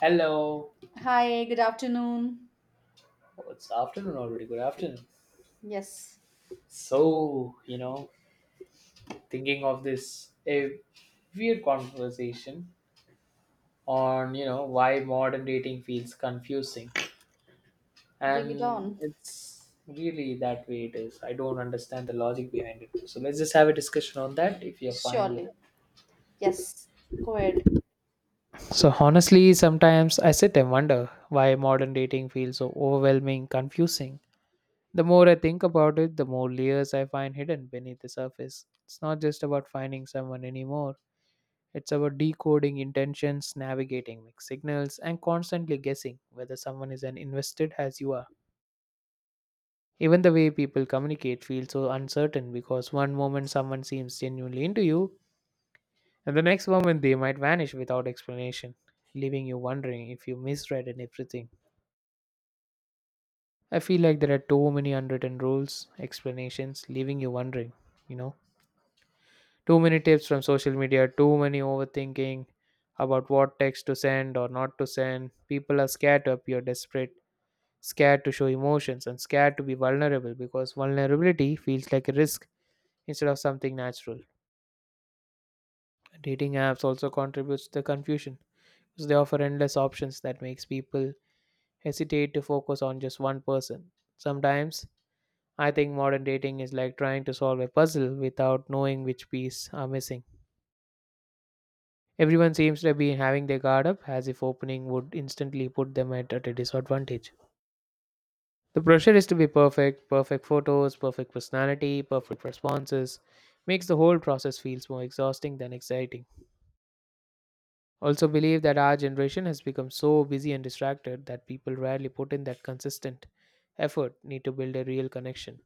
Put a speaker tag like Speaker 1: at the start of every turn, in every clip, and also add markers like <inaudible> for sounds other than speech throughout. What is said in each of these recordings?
Speaker 1: Hello.
Speaker 2: Hi, good afternoon.
Speaker 1: Oh, it's afternoon already. Good afternoon.
Speaker 2: Yes,
Speaker 1: So thinking of this a weird conversation on, why modern dating feels confusing.
Speaker 2: bring it
Speaker 1: And
Speaker 2: on.
Speaker 1: it's really that way it is. I don't understand the logic behind it. So let's just have a discussion on that if you're fine with
Speaker 2: Surely.
Speaker 1: it.
Speaker 2: Yes, go ahead.
Speaker 1: So honestly, sometimes I sit and wonder why modern dating feels so overwhelming, confusing. The more I think about it, the more layers I find hidden beneath the surface. It's not just about finding someone anymore, it's about decoding intentions, navigating mixed signals, and constantly guessing whether someone is as invested as you are. Even the way people communicate feels so uncertain because one moment someone seems genuinely into you, and the next moment they might vanish without explanation, leaving you wondering if you misread and everything. I feel like there are too many unwritten rules, explanations, leaving you wondering, you know. Too many tips from social media, too many overthinking about what text to send or not to send. People are scared to appear desperate, scared to show emotions, and scared to be vulnerable because vulnerability feels like a risk instead of something natural. Dating apps also contributes to the confusion because they offer endless options that makes people hesitate to focus on just one person. Sometimes I think modern dating is like trying to solve a puzzle without knowing which piece are missing. Everyone seems to be having their guard up as if opening would instantly put them at a disadvantage. The pressure is to be perfect, perfect photos, perfect personality, perfect responses, makes the whole process feels more exhausting than exciting. Also believe that our generation has become so busy and distracted that people rarely put in that consistent effort need to build a real connection.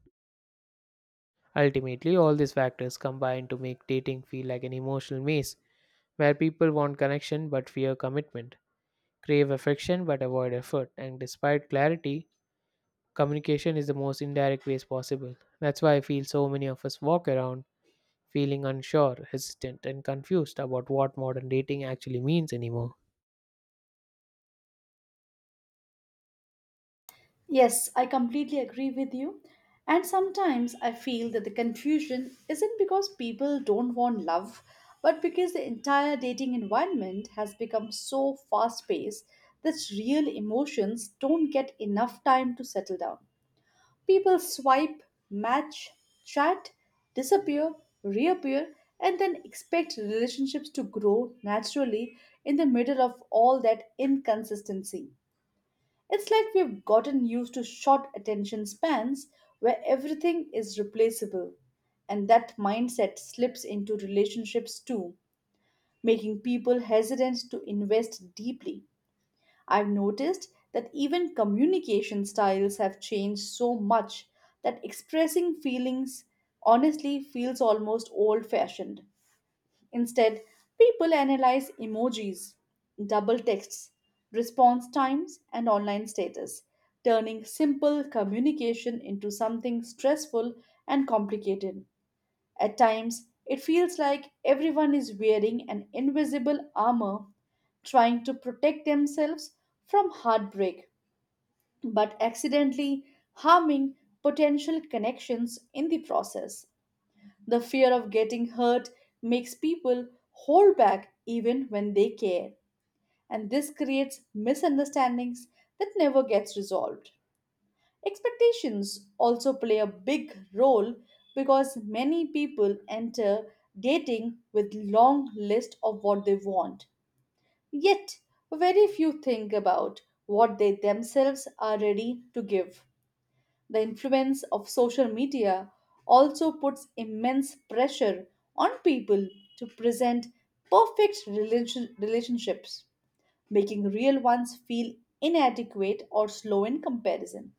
Speaker 1: Ultimately, all these factors combine to make dating feel like an emotional maze where people want connection but fear commitment, crave affection but avoid effort. And despite clarity, communication is the most indirect ways possible. That's why I feel so many of us walk around feeling unsure, hesitant, and confused about what modern dating actually means anymore.
Speaker 2: Yes, I completely agree with you. And sometimes I feel that the confusion isn't because people don't want love, but because the entire dating environment has become so fast paced that real emotions don't get enough time to settle down. People swipe, match, chat, disappear, reappear, and then expect relationships to grow naturally in the middle of all that inconsistency. It's like we've gotten used to short attention spans where everything is replaceable, and that mindset slips into relationships too, making people hesitant to invest deeply. I've noticed that even communication styles have changed so much that expressing feelings honestly feels almost old fashioned. Instead, people analyze emojis, double texts, response times, and online status, turning simple communication into something stressful and complicated. At times, it feels like everyone is wearing an invisible armor trying to protect themselves from heartbreak, but accidentally harming potential connections in the process. The fear of getting hurt makes people hold back even when they care, and this creates misunderstandings that never gets resolved. Expectations also play a big role because many people enter dating with long list of what they want. Yet, very few think about what they themselves are ready to give. The influence of social media also puts immense pressure on people to present perfect relationships, making real ones feel inadequate or slow in comparison.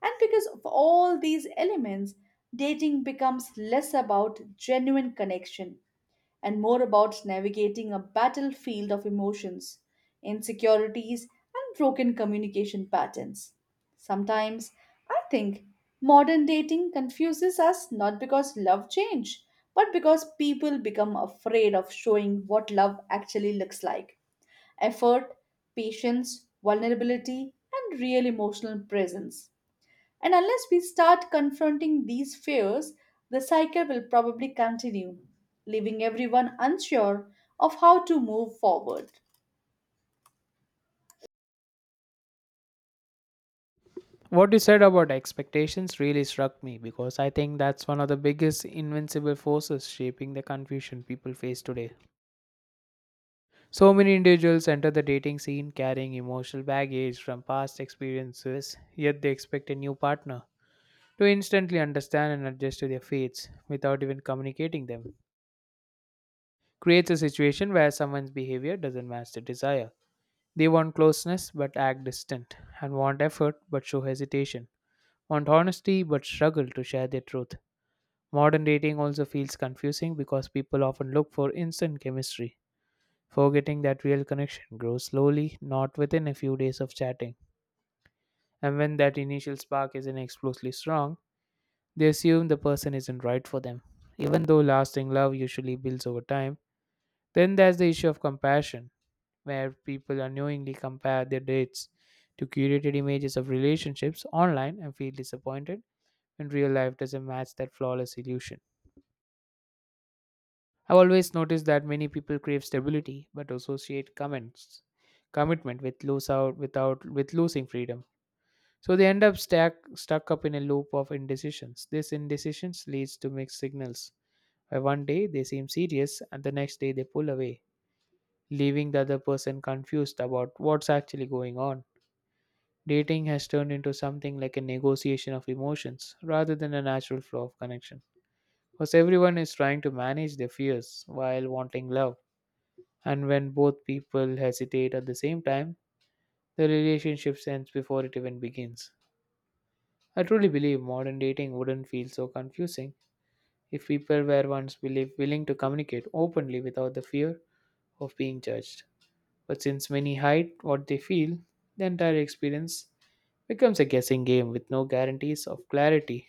Speaker 2: And because of all these elements, dating becomes less about genuine connection and more about navigating a battlefield of emotions, insecurities, and broken communication patterns. Sometimes I think modern dating confuses us not because love change, but because people become afraid of showing what love actually looks like: effort, patience, vulnerability, and real emotional presence. And unless we start confronting these fears, the cycle will probably continue, leaving everyone unsure of how to move forward.
Speaker 1: What you said about expectations really struck me because I think that's one of the biggest invincible forces shaping the confusion people face today. So many individuals enter the dating scene carrying emotional baggage from past experiences, yet they expect a new partner to instantly understand and adjust to their fates without even communicating them creates a situation where someone's behavior doesn't match the desire. They want closeness but act distant, and want effort but show hesitation, want honesty but struggle to share their truth. Modern dating also feels confusing because people often look for instant chemistry, forgetting that real connection grows slowly, not within a few days of chatting. And when that initial spark isn't explosively strong, they assume the person isn't right for them, even though lasting love usually builds over time. Then there's the issue of compassion, where people unknowingly compare their dates to curated images of relationships online and feel disappointed when real life doesn't match that flawless illusion. I've always noticed that many people crave stability but associate comments commitment with lose out without with losing freedom. So they end up stuck up in a loop of indecisions. This indecisions leads to mixed signals. One day they seem serious, and the next day they pull away, leaving the other person confused about what's actually going on. Dating has turned into something like a negotiation of emotions rather than a natural flow of connection. Because everyone is trying to manage their fears while wanting love, and when both people hesitate at the same time, the relationship ends before it even begins. I truly believe modern dating wouldn't feel so confusing if people were once willing to communicate openly without the fear of being judged. But since many hide what they feel, the entire experience becomes a guessing game with no guarantees of clarity.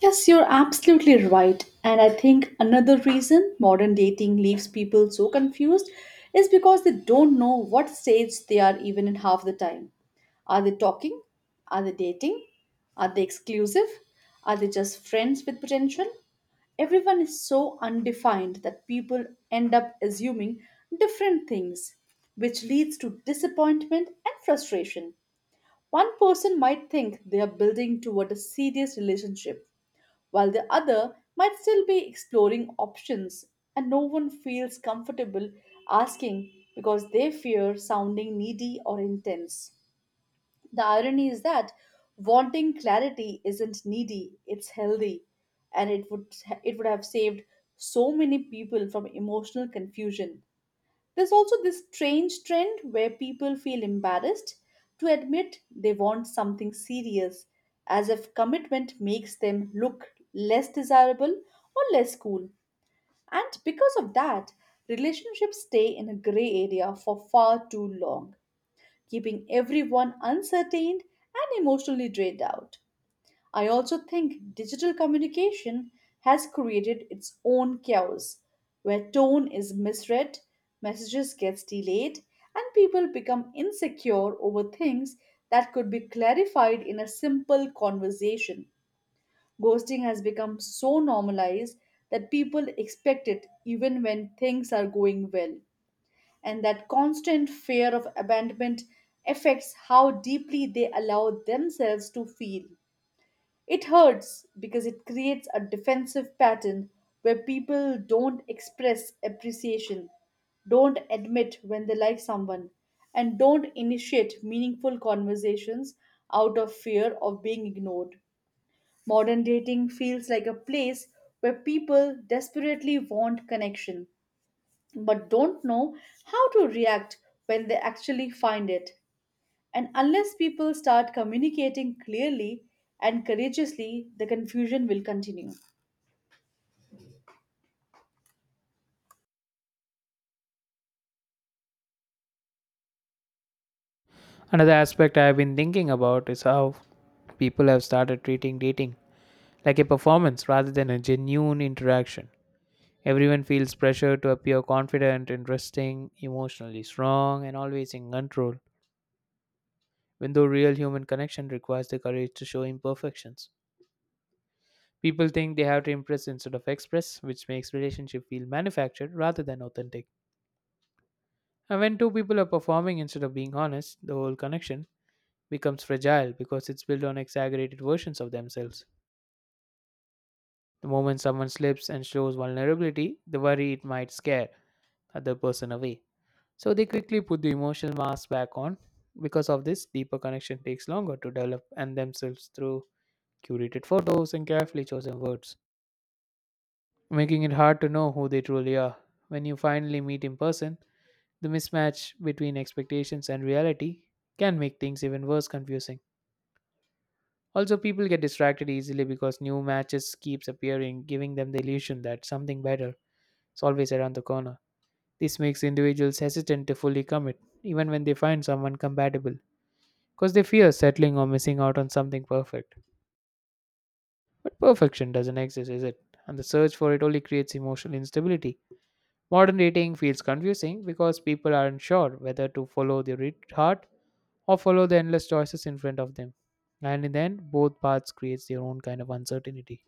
Speaker 2: Yes, you're absolutely right. And I think another reason modern dating leaves people so confused is because they don't know what stage they are even in half the time. Are they talking? Are they dating? Are they exclusive? Are they just friends with potential? Everyone is so undefined that people end up assuming different things, which leads to disappointment and frustration. One person might think they are building toward a serious relationship while the other might still be exploring options, and no one feels comfortable asking because they fear sounding needy or intense. The irony is that wanting clarity isn't needy, it's healthy, and it would have saved so many people from emotional confusion. There's also this strange trend where people feel embarrassed to admit they want something serious, as if commitment makes them look less desirable or less cool. And because of that, relationships stay in a gray area for far too long, keeping everyone uncertain and emotionally drained out. I also think digital communication has created its own chaos, where tone is misread, messages gets delayed, and people become insecure over things that could be clarified in a simple conversation. Ghosting has become so normalized that people expect it even when things are going well, and that constant fear of abandonment affects how deeply they allow themselves to feel. It hurts because it creates a defensive pattern where people don't express appreciation, don't admit when they like someone, and don't initiate meaningful conversations out of fear of being ignored. Modern dating feels like a place where people desperately want connection but don't know how to react when they actually find it. And unless people start communicating clearly and courageously, the confusion will continue.
Speaker 1: Another aspect I have been thinking about is how people have started treating dating like a performance rather than a genuine interaction. Everyone feels pressure to appear confident, interesting, emotionally strong, and always in control, when though real human connection requires the courage to show imperfections. People think they have to impress instead of express, which makes relationship feel manufactured rather than authentic. And when two people are performing instead of being honest, the whole connection becomes fragile because it's built on exaggerated versions of themselves. The moment someone slips and shows vulnerability, the worry it might scare other person away. So they quickly put the emotional mask back on. Because of this, deeper connection takes longer to develop and themselves through curated photos and carefully chosen words, making it hard to know who they truly are. When you finally meet in person, the mismatch between expectations and reality can make things even worse confusing. Also, people get distracted easily because new matches keeps appearing, giving them the illusion that something better is always around the corner. This makes individuals hesitant to fully commit, even when they find someone compatible, because they fear settling or missing out on something perfect. But perfection doesn't exist, is it? And the search for it only creates emotional instability. Modern dating feels confusing because people aren't sure whether to follow their heart or follow the endless choices in front of them. And in the end, both paths creates their own kind of uncertainty.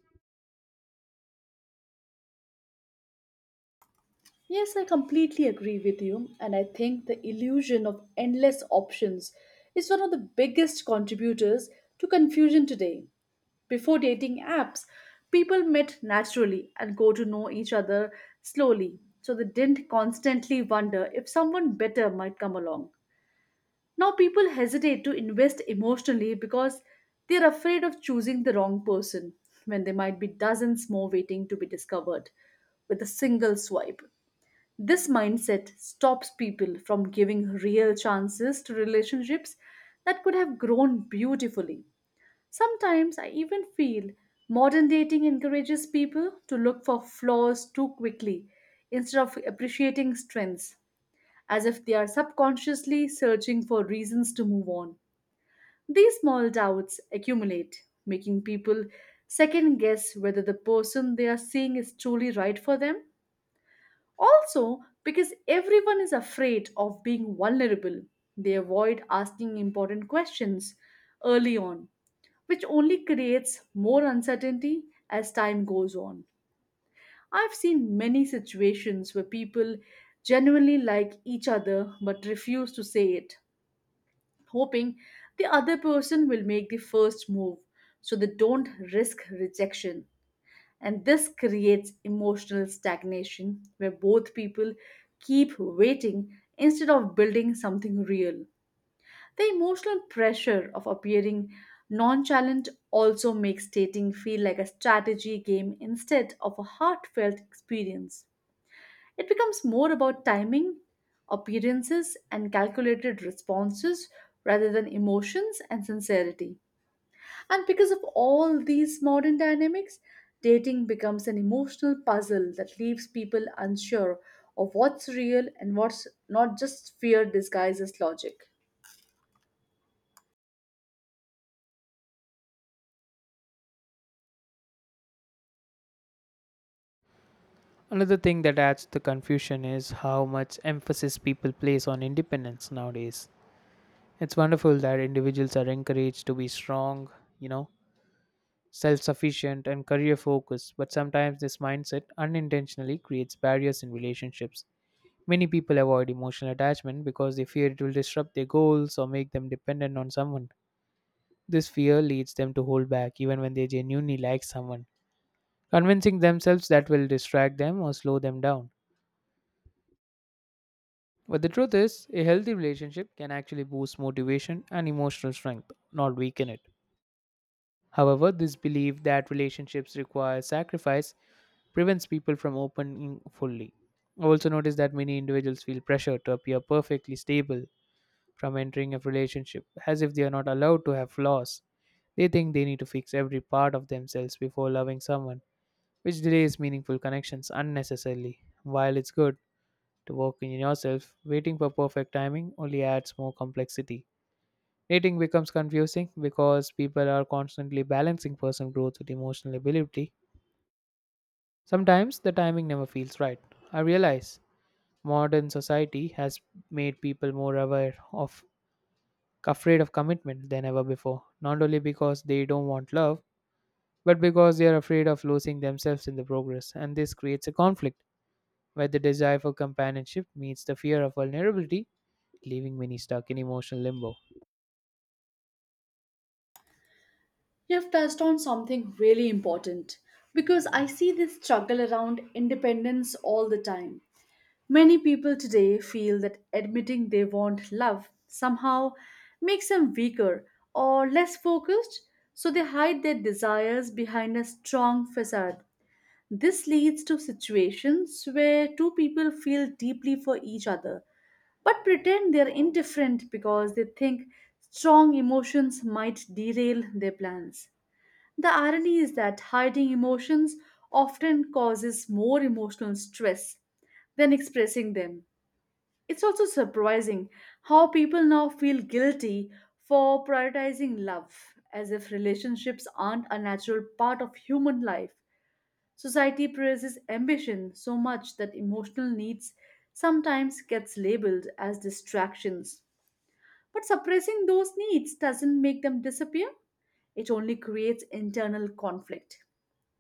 Speaker 2: Yes, I completely agree with you, and I think the illusion of endless options is one of the biggest contributors to confusion today. Before dating apps, people met naturally and got to know each other slowly, so they didn't constantly wonder if someone better might come along. Now, people hesitate to invest emotionally because they're afraid of choosing the wrong person when there might be dozens more waiting to be discovered with a single swipe. This mindset stops people from giving real chances to relationships that could have grown beautifully. Sometimes I even feel modern dating encourages people to look for flaws too quickly instead of appreciating strengths, as if they are subconsciously searching for reasons to move on. These small doubts accumulate, making people second guess whether the person they are seeing is truly right for them. Also, because everyone is afraid of being vulnerable, they avoid asking important questions early on, which only creates more uncertainty as time goes on. I've seen many situations where people genuinely like each other but refuse to say it, hoping the other person will make the first move so they don't risk rejection. And this creates emotional stagnation where both people keep waiting instead of building something real. The emotional pressure of appearing nonchalant also makes dating feel like a strategy game instead of a heartfelt experience. It becomes more about timing, appearances, and calculated responses rather than emotions and sincerity. And because of all these modern dynamics, dating becomes an emotional puzzle that leaves people unsure of what's real and what's not, just fear disguised as logic.
Speaker 1: Another thing that adds to the confusion is how much emphasis people place on independence nowadays. It's wonderful that individuals are encouraged to be strong, you know, self sufficient, and career focused, but sometimes this mindset unintentionally creates barriers in relationships. Many people avoid emotional attachment because they fear it will disrupt their goals or make them dependent on someone. This fear leads them to hold back even when they genuinely like someone, convincing themselves that will distract them or slow them down. But the truth is, a healthy relationship can actually boost motivation and emotional strength, not weaken it. However, this belief that relationships require sacrifice prevents people from opening fully. I also noticed that many individuals feel pressure to appear perfectly stable from entering a relationship, as if they are not allowed to have flaws. They think they need to fix every part of themselves before loving someone, which delays meaningful connections unnecessarily. While it's good to working in yourself, waiting for perfect timing only adds more complexity. Dating becomes confusing because people are constantly balancing personal growth with emotional ability. Sometimes the timing never feels right. I realize modern society has made people more aware of afraid of commitment than ever before, not only because they don't want love, but because they are afraid of losing themselves in the progress, and this creates a conflict where the desire for companionship meets the fear of vulnerability leaving many stuck in emotional limbo.
Speaker 2: You've touched on something really important because I see this struggle around independence all the time. Many people today feel that admitting they want love somehow makes them weaker or less focused, so they hide their desires behind a strong facade. This leads to situations where two people feel deeply for each other but pretend they are indifferent because they think strong emotions might derail their plans. The irony is that hiding emotions often causes more emotional stress than expressing them. It's also surprising how people now feel guilty for prioritizing love, as if relationships aren't a natural part of human life. Society praises ambition so much that emotional needs sometimes gets labeled as distractions. But suppressing those needs doesn't make them disappear. It only creates internal conflict.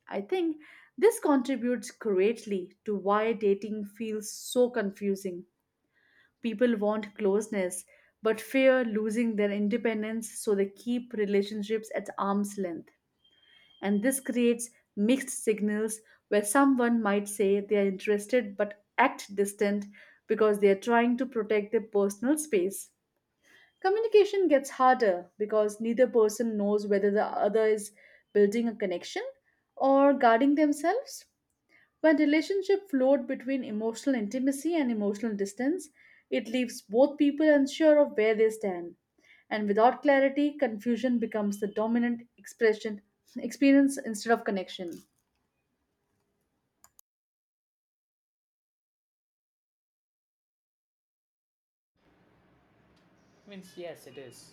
Speaker 2: I think this contributes greatly to why dating feels so confusing. People want closeness but fear losing their independence, so they keep relationships at arm's length. And this creates mixed signals where someone might say they are interested but act distant because they are trying to protect their personal space. Communication gets harder because neither person knows whether the other is building a connection or guarding themselves. When relationship float between emotional intimacy and emotional distance, it leaves both people unsure of where they stand. And without clarity, confusion becomes the dominant expression experience instead of connection.
Speaker 1: Means, yes, it is.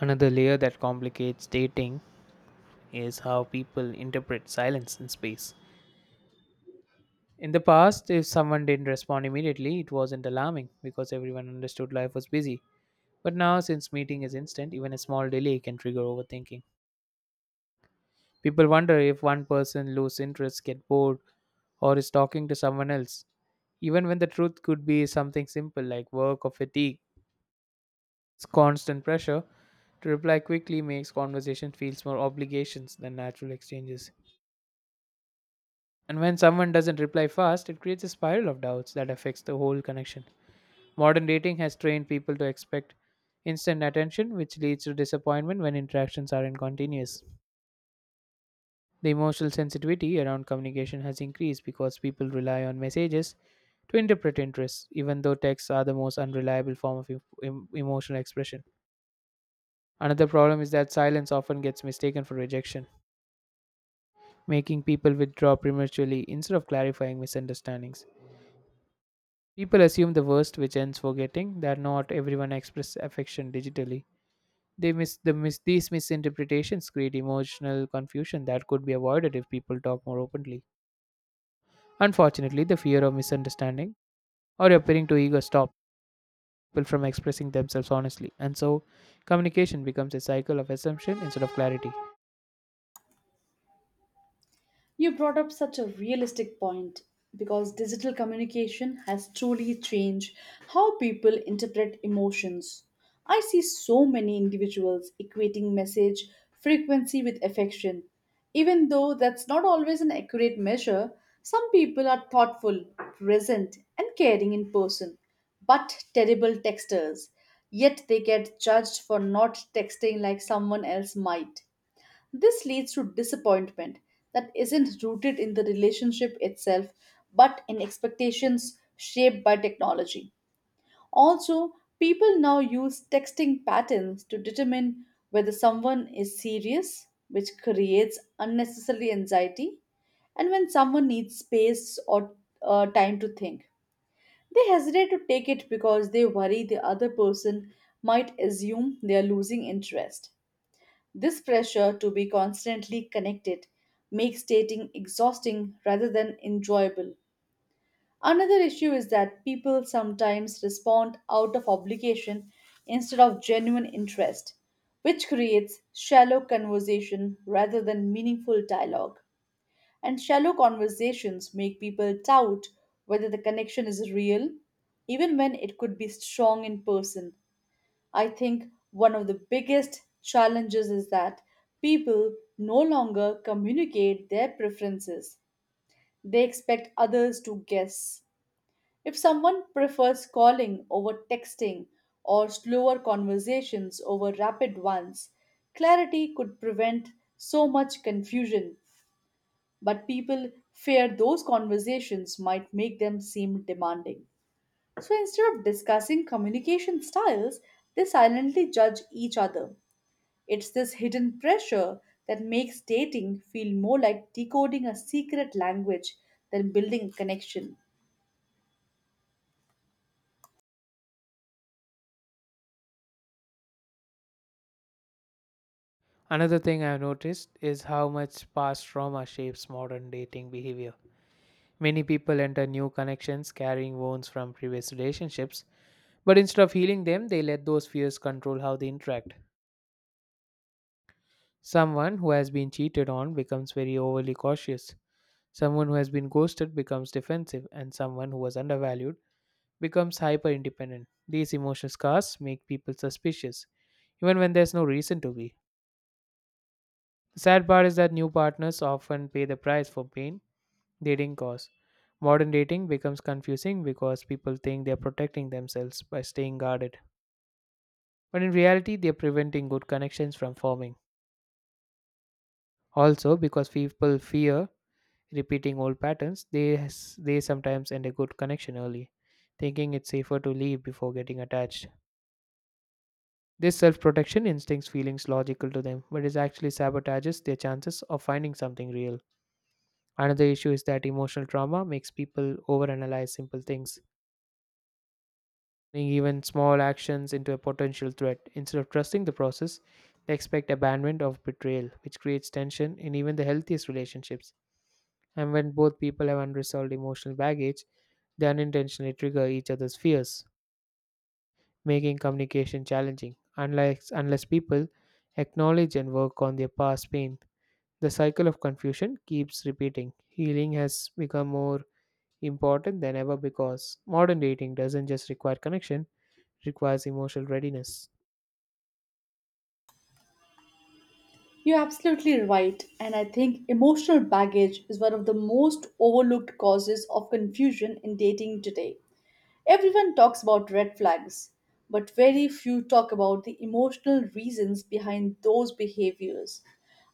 Speaker 1: Another layer that complicates dating is how people interpret silence in space. In the past, if someone didn't respond immediately, it wasn't alarming because everyone understood life was busy. But now, since meeting is instant, even a small delay can trigger overthinking. People wonder if one person loses interest, get bored, or is talking to someone else, even when the truth could be something simple like work or fatigue. This constant pressure to reply quickly makes conversation feels more obligations than natural exchanges. And when someone doesn't reply fast, it creates a spiral of doubts that affects the whole connection. Modern dating has trained people to expect instant attention, which leads to disappointment when interactions aren't continuous. The emotional sensitivity around communication has increased because people rely on messages to interpret interests, even though texts are the most unreliable form of emotional expression. Another problem is that silence often gets mistaken for rejection, making people withdraw prematurely instead of clarifying misunderstandings. People assume the worst, which ends forgetting that not everyone expresses affection digitally. They miss these misinterpretations create emotional confusion that could be avoided if people talk more openly. Unfortunately, the fear of misunderstanding or appearing too eager stops people from expressing themselves honestly, and so communication becomes a cycle of assumption instead of clarity.
Speaker 2: You brought up such a realistic point because digital communication has truly changed how people interpret emotions. I see so many individuals equating message frequency with affection. Even though that's not always an accurate measure, some people are thoughtful, present, and caring in person, but terrible texters. Yet they get judged for not texting like someone else might. This leads to disappointment that isn't rooted in the relationship itself, but in expectations shaped by technology. Also, people now use texting patterns to determine whether someone is serious, which creates unnecessary anxiety, and when someone needs space or time to think. They hesitate to take it because they worry the other person might assume they are losing interest. This pressure to be constantly connected makes dating exhausting rather than enjoyable. Another issue is that people sometimes respond out of obligation instead of genuine interest, which creates shallow conversation rather than meaningful dialogue. And shallow conversations make people doubt whether the connection is real, even when it could be strong in person. I think one of the biggest challenges is that people no longer communicate their preferences. They expect others to guess. If someone prefers calling over texting or slower conversations over rapid ones, clarity could prevent so much confusion. But people fear those conversations might make them seem demanding. So instead of discussing communication styles, they silently judge each other. It's this hidden pressure that makes dating feel more like decoding a secret language than building a connection.
Speaker 1: Another thing I've noticed is how much past trauma shapes modern dating behavior. Many people enter new connections carrying wounds from previous relationships, but instead of healing them, they let those fears control how they interact. Someone who has been cheated on becomes very overly cautious. Someone who has been ghosted becomes defensive, and someone who was undervalued becomes hyper independent. These emotional scars make people suspicious, even when there's no reason to be. The sad part is that new partners often pay the price for pain Dating cause. Modern dating becomes confusing because people think they're protecting themselves by staying guarded. But in reality, they're preventing good connections from forming. Also, because people fear repeating old patterns, they sometimes end a good connection early, thinking it's safer to leave before getting attached. This self protection instinct feelings logical to them, but it actually sabotages their chances of finding something real. Another issue is that emotional trauma makes people overanalyze simple things turning even small actions into a potential threat. Instead of trusting the process, they expect abandonment or betrayal, which creates tension in even the healthiest relationships. And when both people have unresolved emotional baggage, they unintentionally trigger each other's fears, making communication challenging. Unless people acknowledge and work on their past pain, the cycle of confusion keeps repeating. Healing has become more important than ever because modern dating doesn't just require connection, it requires emotional readiness.
Speaker 2: You're absolutely right, and I think emotional baggage is one of the most overlooked causes of confusion in dating today. Everyone talks about red flags, but very few talk about the emotional reasons behind those behaviors.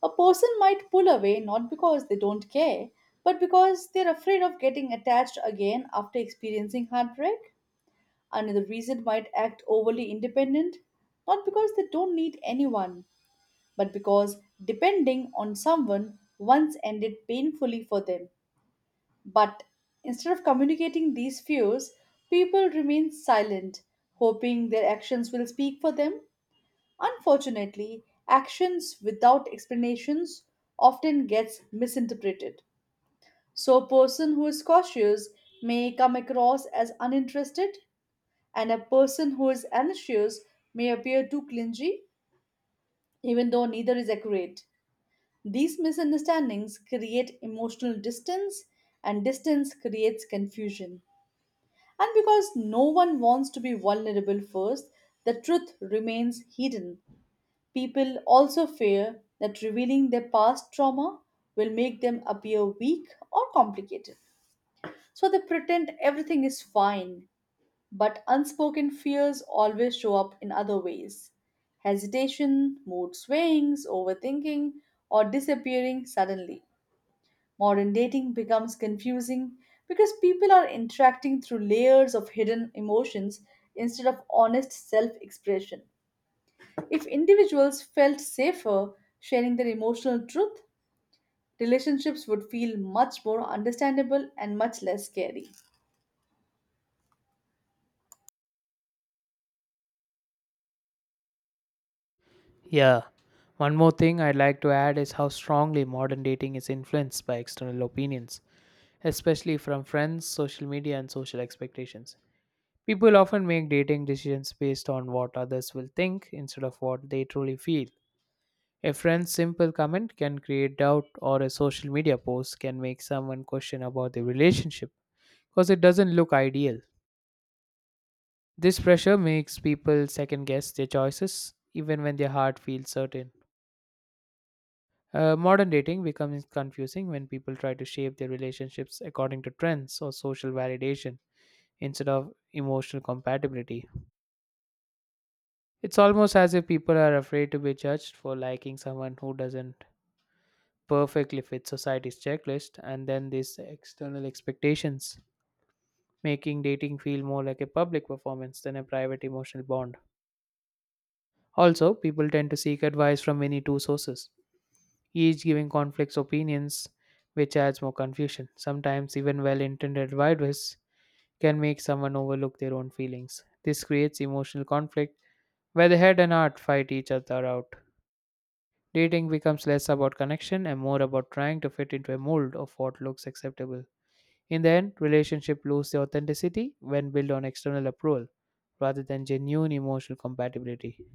Speaker 2: A person might pull away not because they don't care, but because they're afraid of getting attached again after experiencing heartbreak. Another reason might act overly independent, not because they don't need anyone, but because depending on someone once ended painfully for them. But instead of communicating these fears, people remain silent, hoping their actions will speak for them. Unfortunately, actions without explanations often gets misinterpreted. So a person who is cautious may come across as uninterested, and a person who is anxious may appear too clingy, even though neither is accurate. These misunderstandings create emotional distance, and distance creates confusion. And because no one wants to be vulnerable first, the truth remains hidden. People also fear that revealing their past trauma will make them appear weak or complicated. So they pretend everything is fine, but unspoken fears always show up in other ways: hesitation, mood swings, overthinking, or disappearing suddenly. Modern dating becomes confusing because people are interacting through layers of hidden emotions instead of honest self expression. If individuals felt safer sharing their emotional truth, relationships would feel much more understandable and much less scary.
Speaker 1: Yeah. One more thing I'd like to add is how strongly modern dating is influenced by external opinions, especially from friends, social media, and social expectations. People often make dating decisions based on what others will think instead of what they truly feel. A friend's simple comment can create doubt, or a social media post can make someone question about the relationship because it doesn't look ideal. This pressure makes people second guess their choices even when their heart feels certain. Modern dating becomes confusing when people try to shape their relationships according to trends or social validation instead of emotional compatibility. It's almost as if people are afraid to be judged for liking someone who doesn't perfectly fit society's checklist, and then these external expectations, making dating feel more like a public performance than a private emotional bond. Also, people tend to seek advice from many two sources each giving conflicts opinions, which adds more confusion. Sometimes, even well intended advice can make someone overlook their own feelings. This creates emotional conflict where the head and heart fight each other out. Dating becomes less about connection and more about trying to fit into a mold of what looks acceptable. In the end, relationship lose their authenticity when built on external approval rather than genuine emotional compatibility.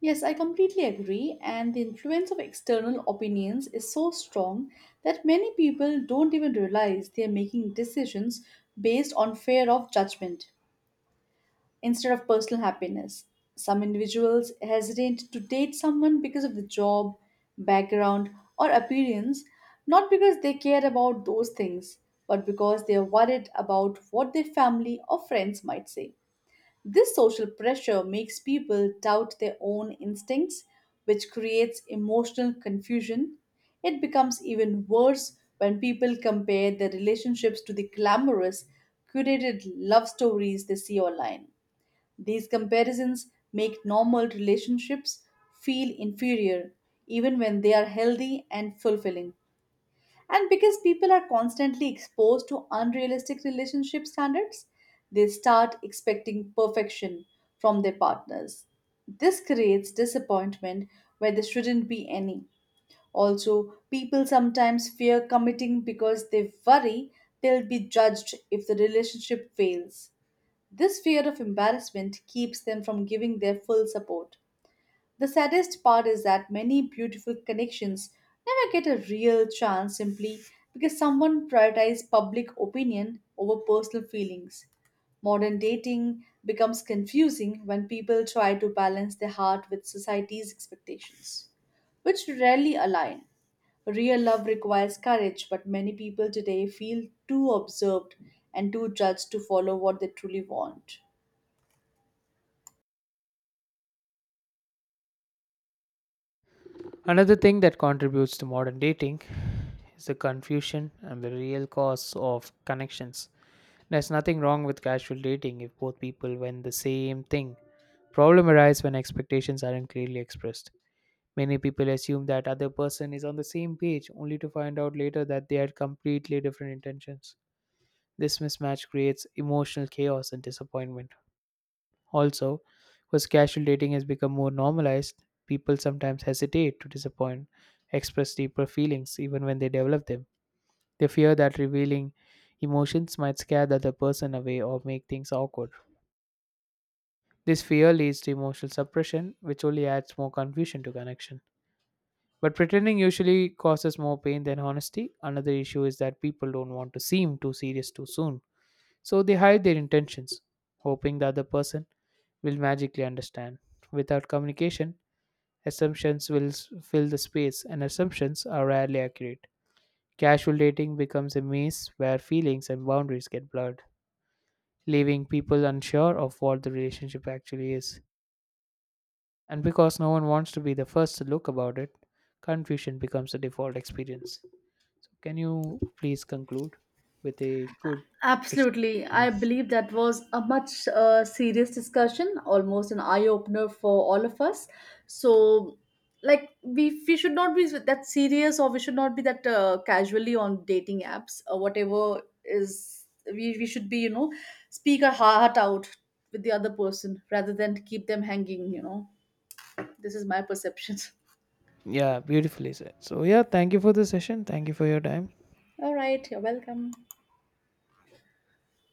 Speaker 2: Yes, I completely agree, and the influence of external opinions is so strong that many people don't even realize they are making decisions based on fear of judgment instead of personal happiness. Some individuals hesitate to date someone because of the job, background, or appearance, not because they care about those things, but because they are worried about what their family or friends might say. This social pressure makes people doubt their own instincts, which creates emotional confusion. It becomes even worse when people compare their relationships to the glamorous, curated love stories they see online. These comparisons make normal relationships feel inferior, even when they are healthy and fulfilling. And because people are constantly exposed to unrealistic relationship standards, they start expecting perfection from their partners. This creates disappointment where there shouldn't be any. Also, people sometimes fear committing because they worry they'll be judged if the relationship fails. This fear of embarrassment keeps them from giving their full support. The saddest part is that many beautiful connections never get a real chance simply because someone prioritizes public opinion over personal feelings. Modern dating becomes confusing when people try to balance their heart with society's expectations, which rarely align. Real love requires courage, but many people today feel too observed and too judged to follow what they truly want.
Speaker 1: Another thing that contributes to modern dating is the confusion and the real cause of connections. There's nothing wrong with casual dating if both people want the same thing. Problem arises when expectations aren't clearly expressed. Many people assume that other person is on the same page only to find out later that they had completely different intentions. This mismatch creates emotional chaos and disappointment. Also, because casual dating has become more normalized, people sometimes hesitate to disappoint, express deeper feelings even when they develop them. They fear that revealing emotions might scare the other person away or make things awkward. This fear leads to emotional suppression, which only adds more confusion to connection. But pretending usually causes more pain than honesty. Another issue is that people don't want to seem too serious too soon, so they hide their intentions, hoping the other person will magically understand. Without communication, assumptions fill the space, and assumptions are rarely accurate. Casual dating becomes a maze where feelings and boundaries get blurred, leaving people unsure of what the relationship actually is. And because no one wants to be the first to look about it, confusion becomes the default experience. So can you please conclude with a good dis-
Speaker 2: Absolutely.
Speaker 1: meaning?
Speaker 2: I believe that was a much serious discussion, almost an eye opener for all of us. So, like, we should not be that serious, or we should not be that casually on dating apps or whatever is, we should be, you know, speak our heart out with the other person rather than keep them hanging, you know. This is my perception.
Speaker 1: Yeah, beautifully said. So, yeah, thank you for the session. Thank you for your time.
Speaker 2: <laughs> All right. You're welcome.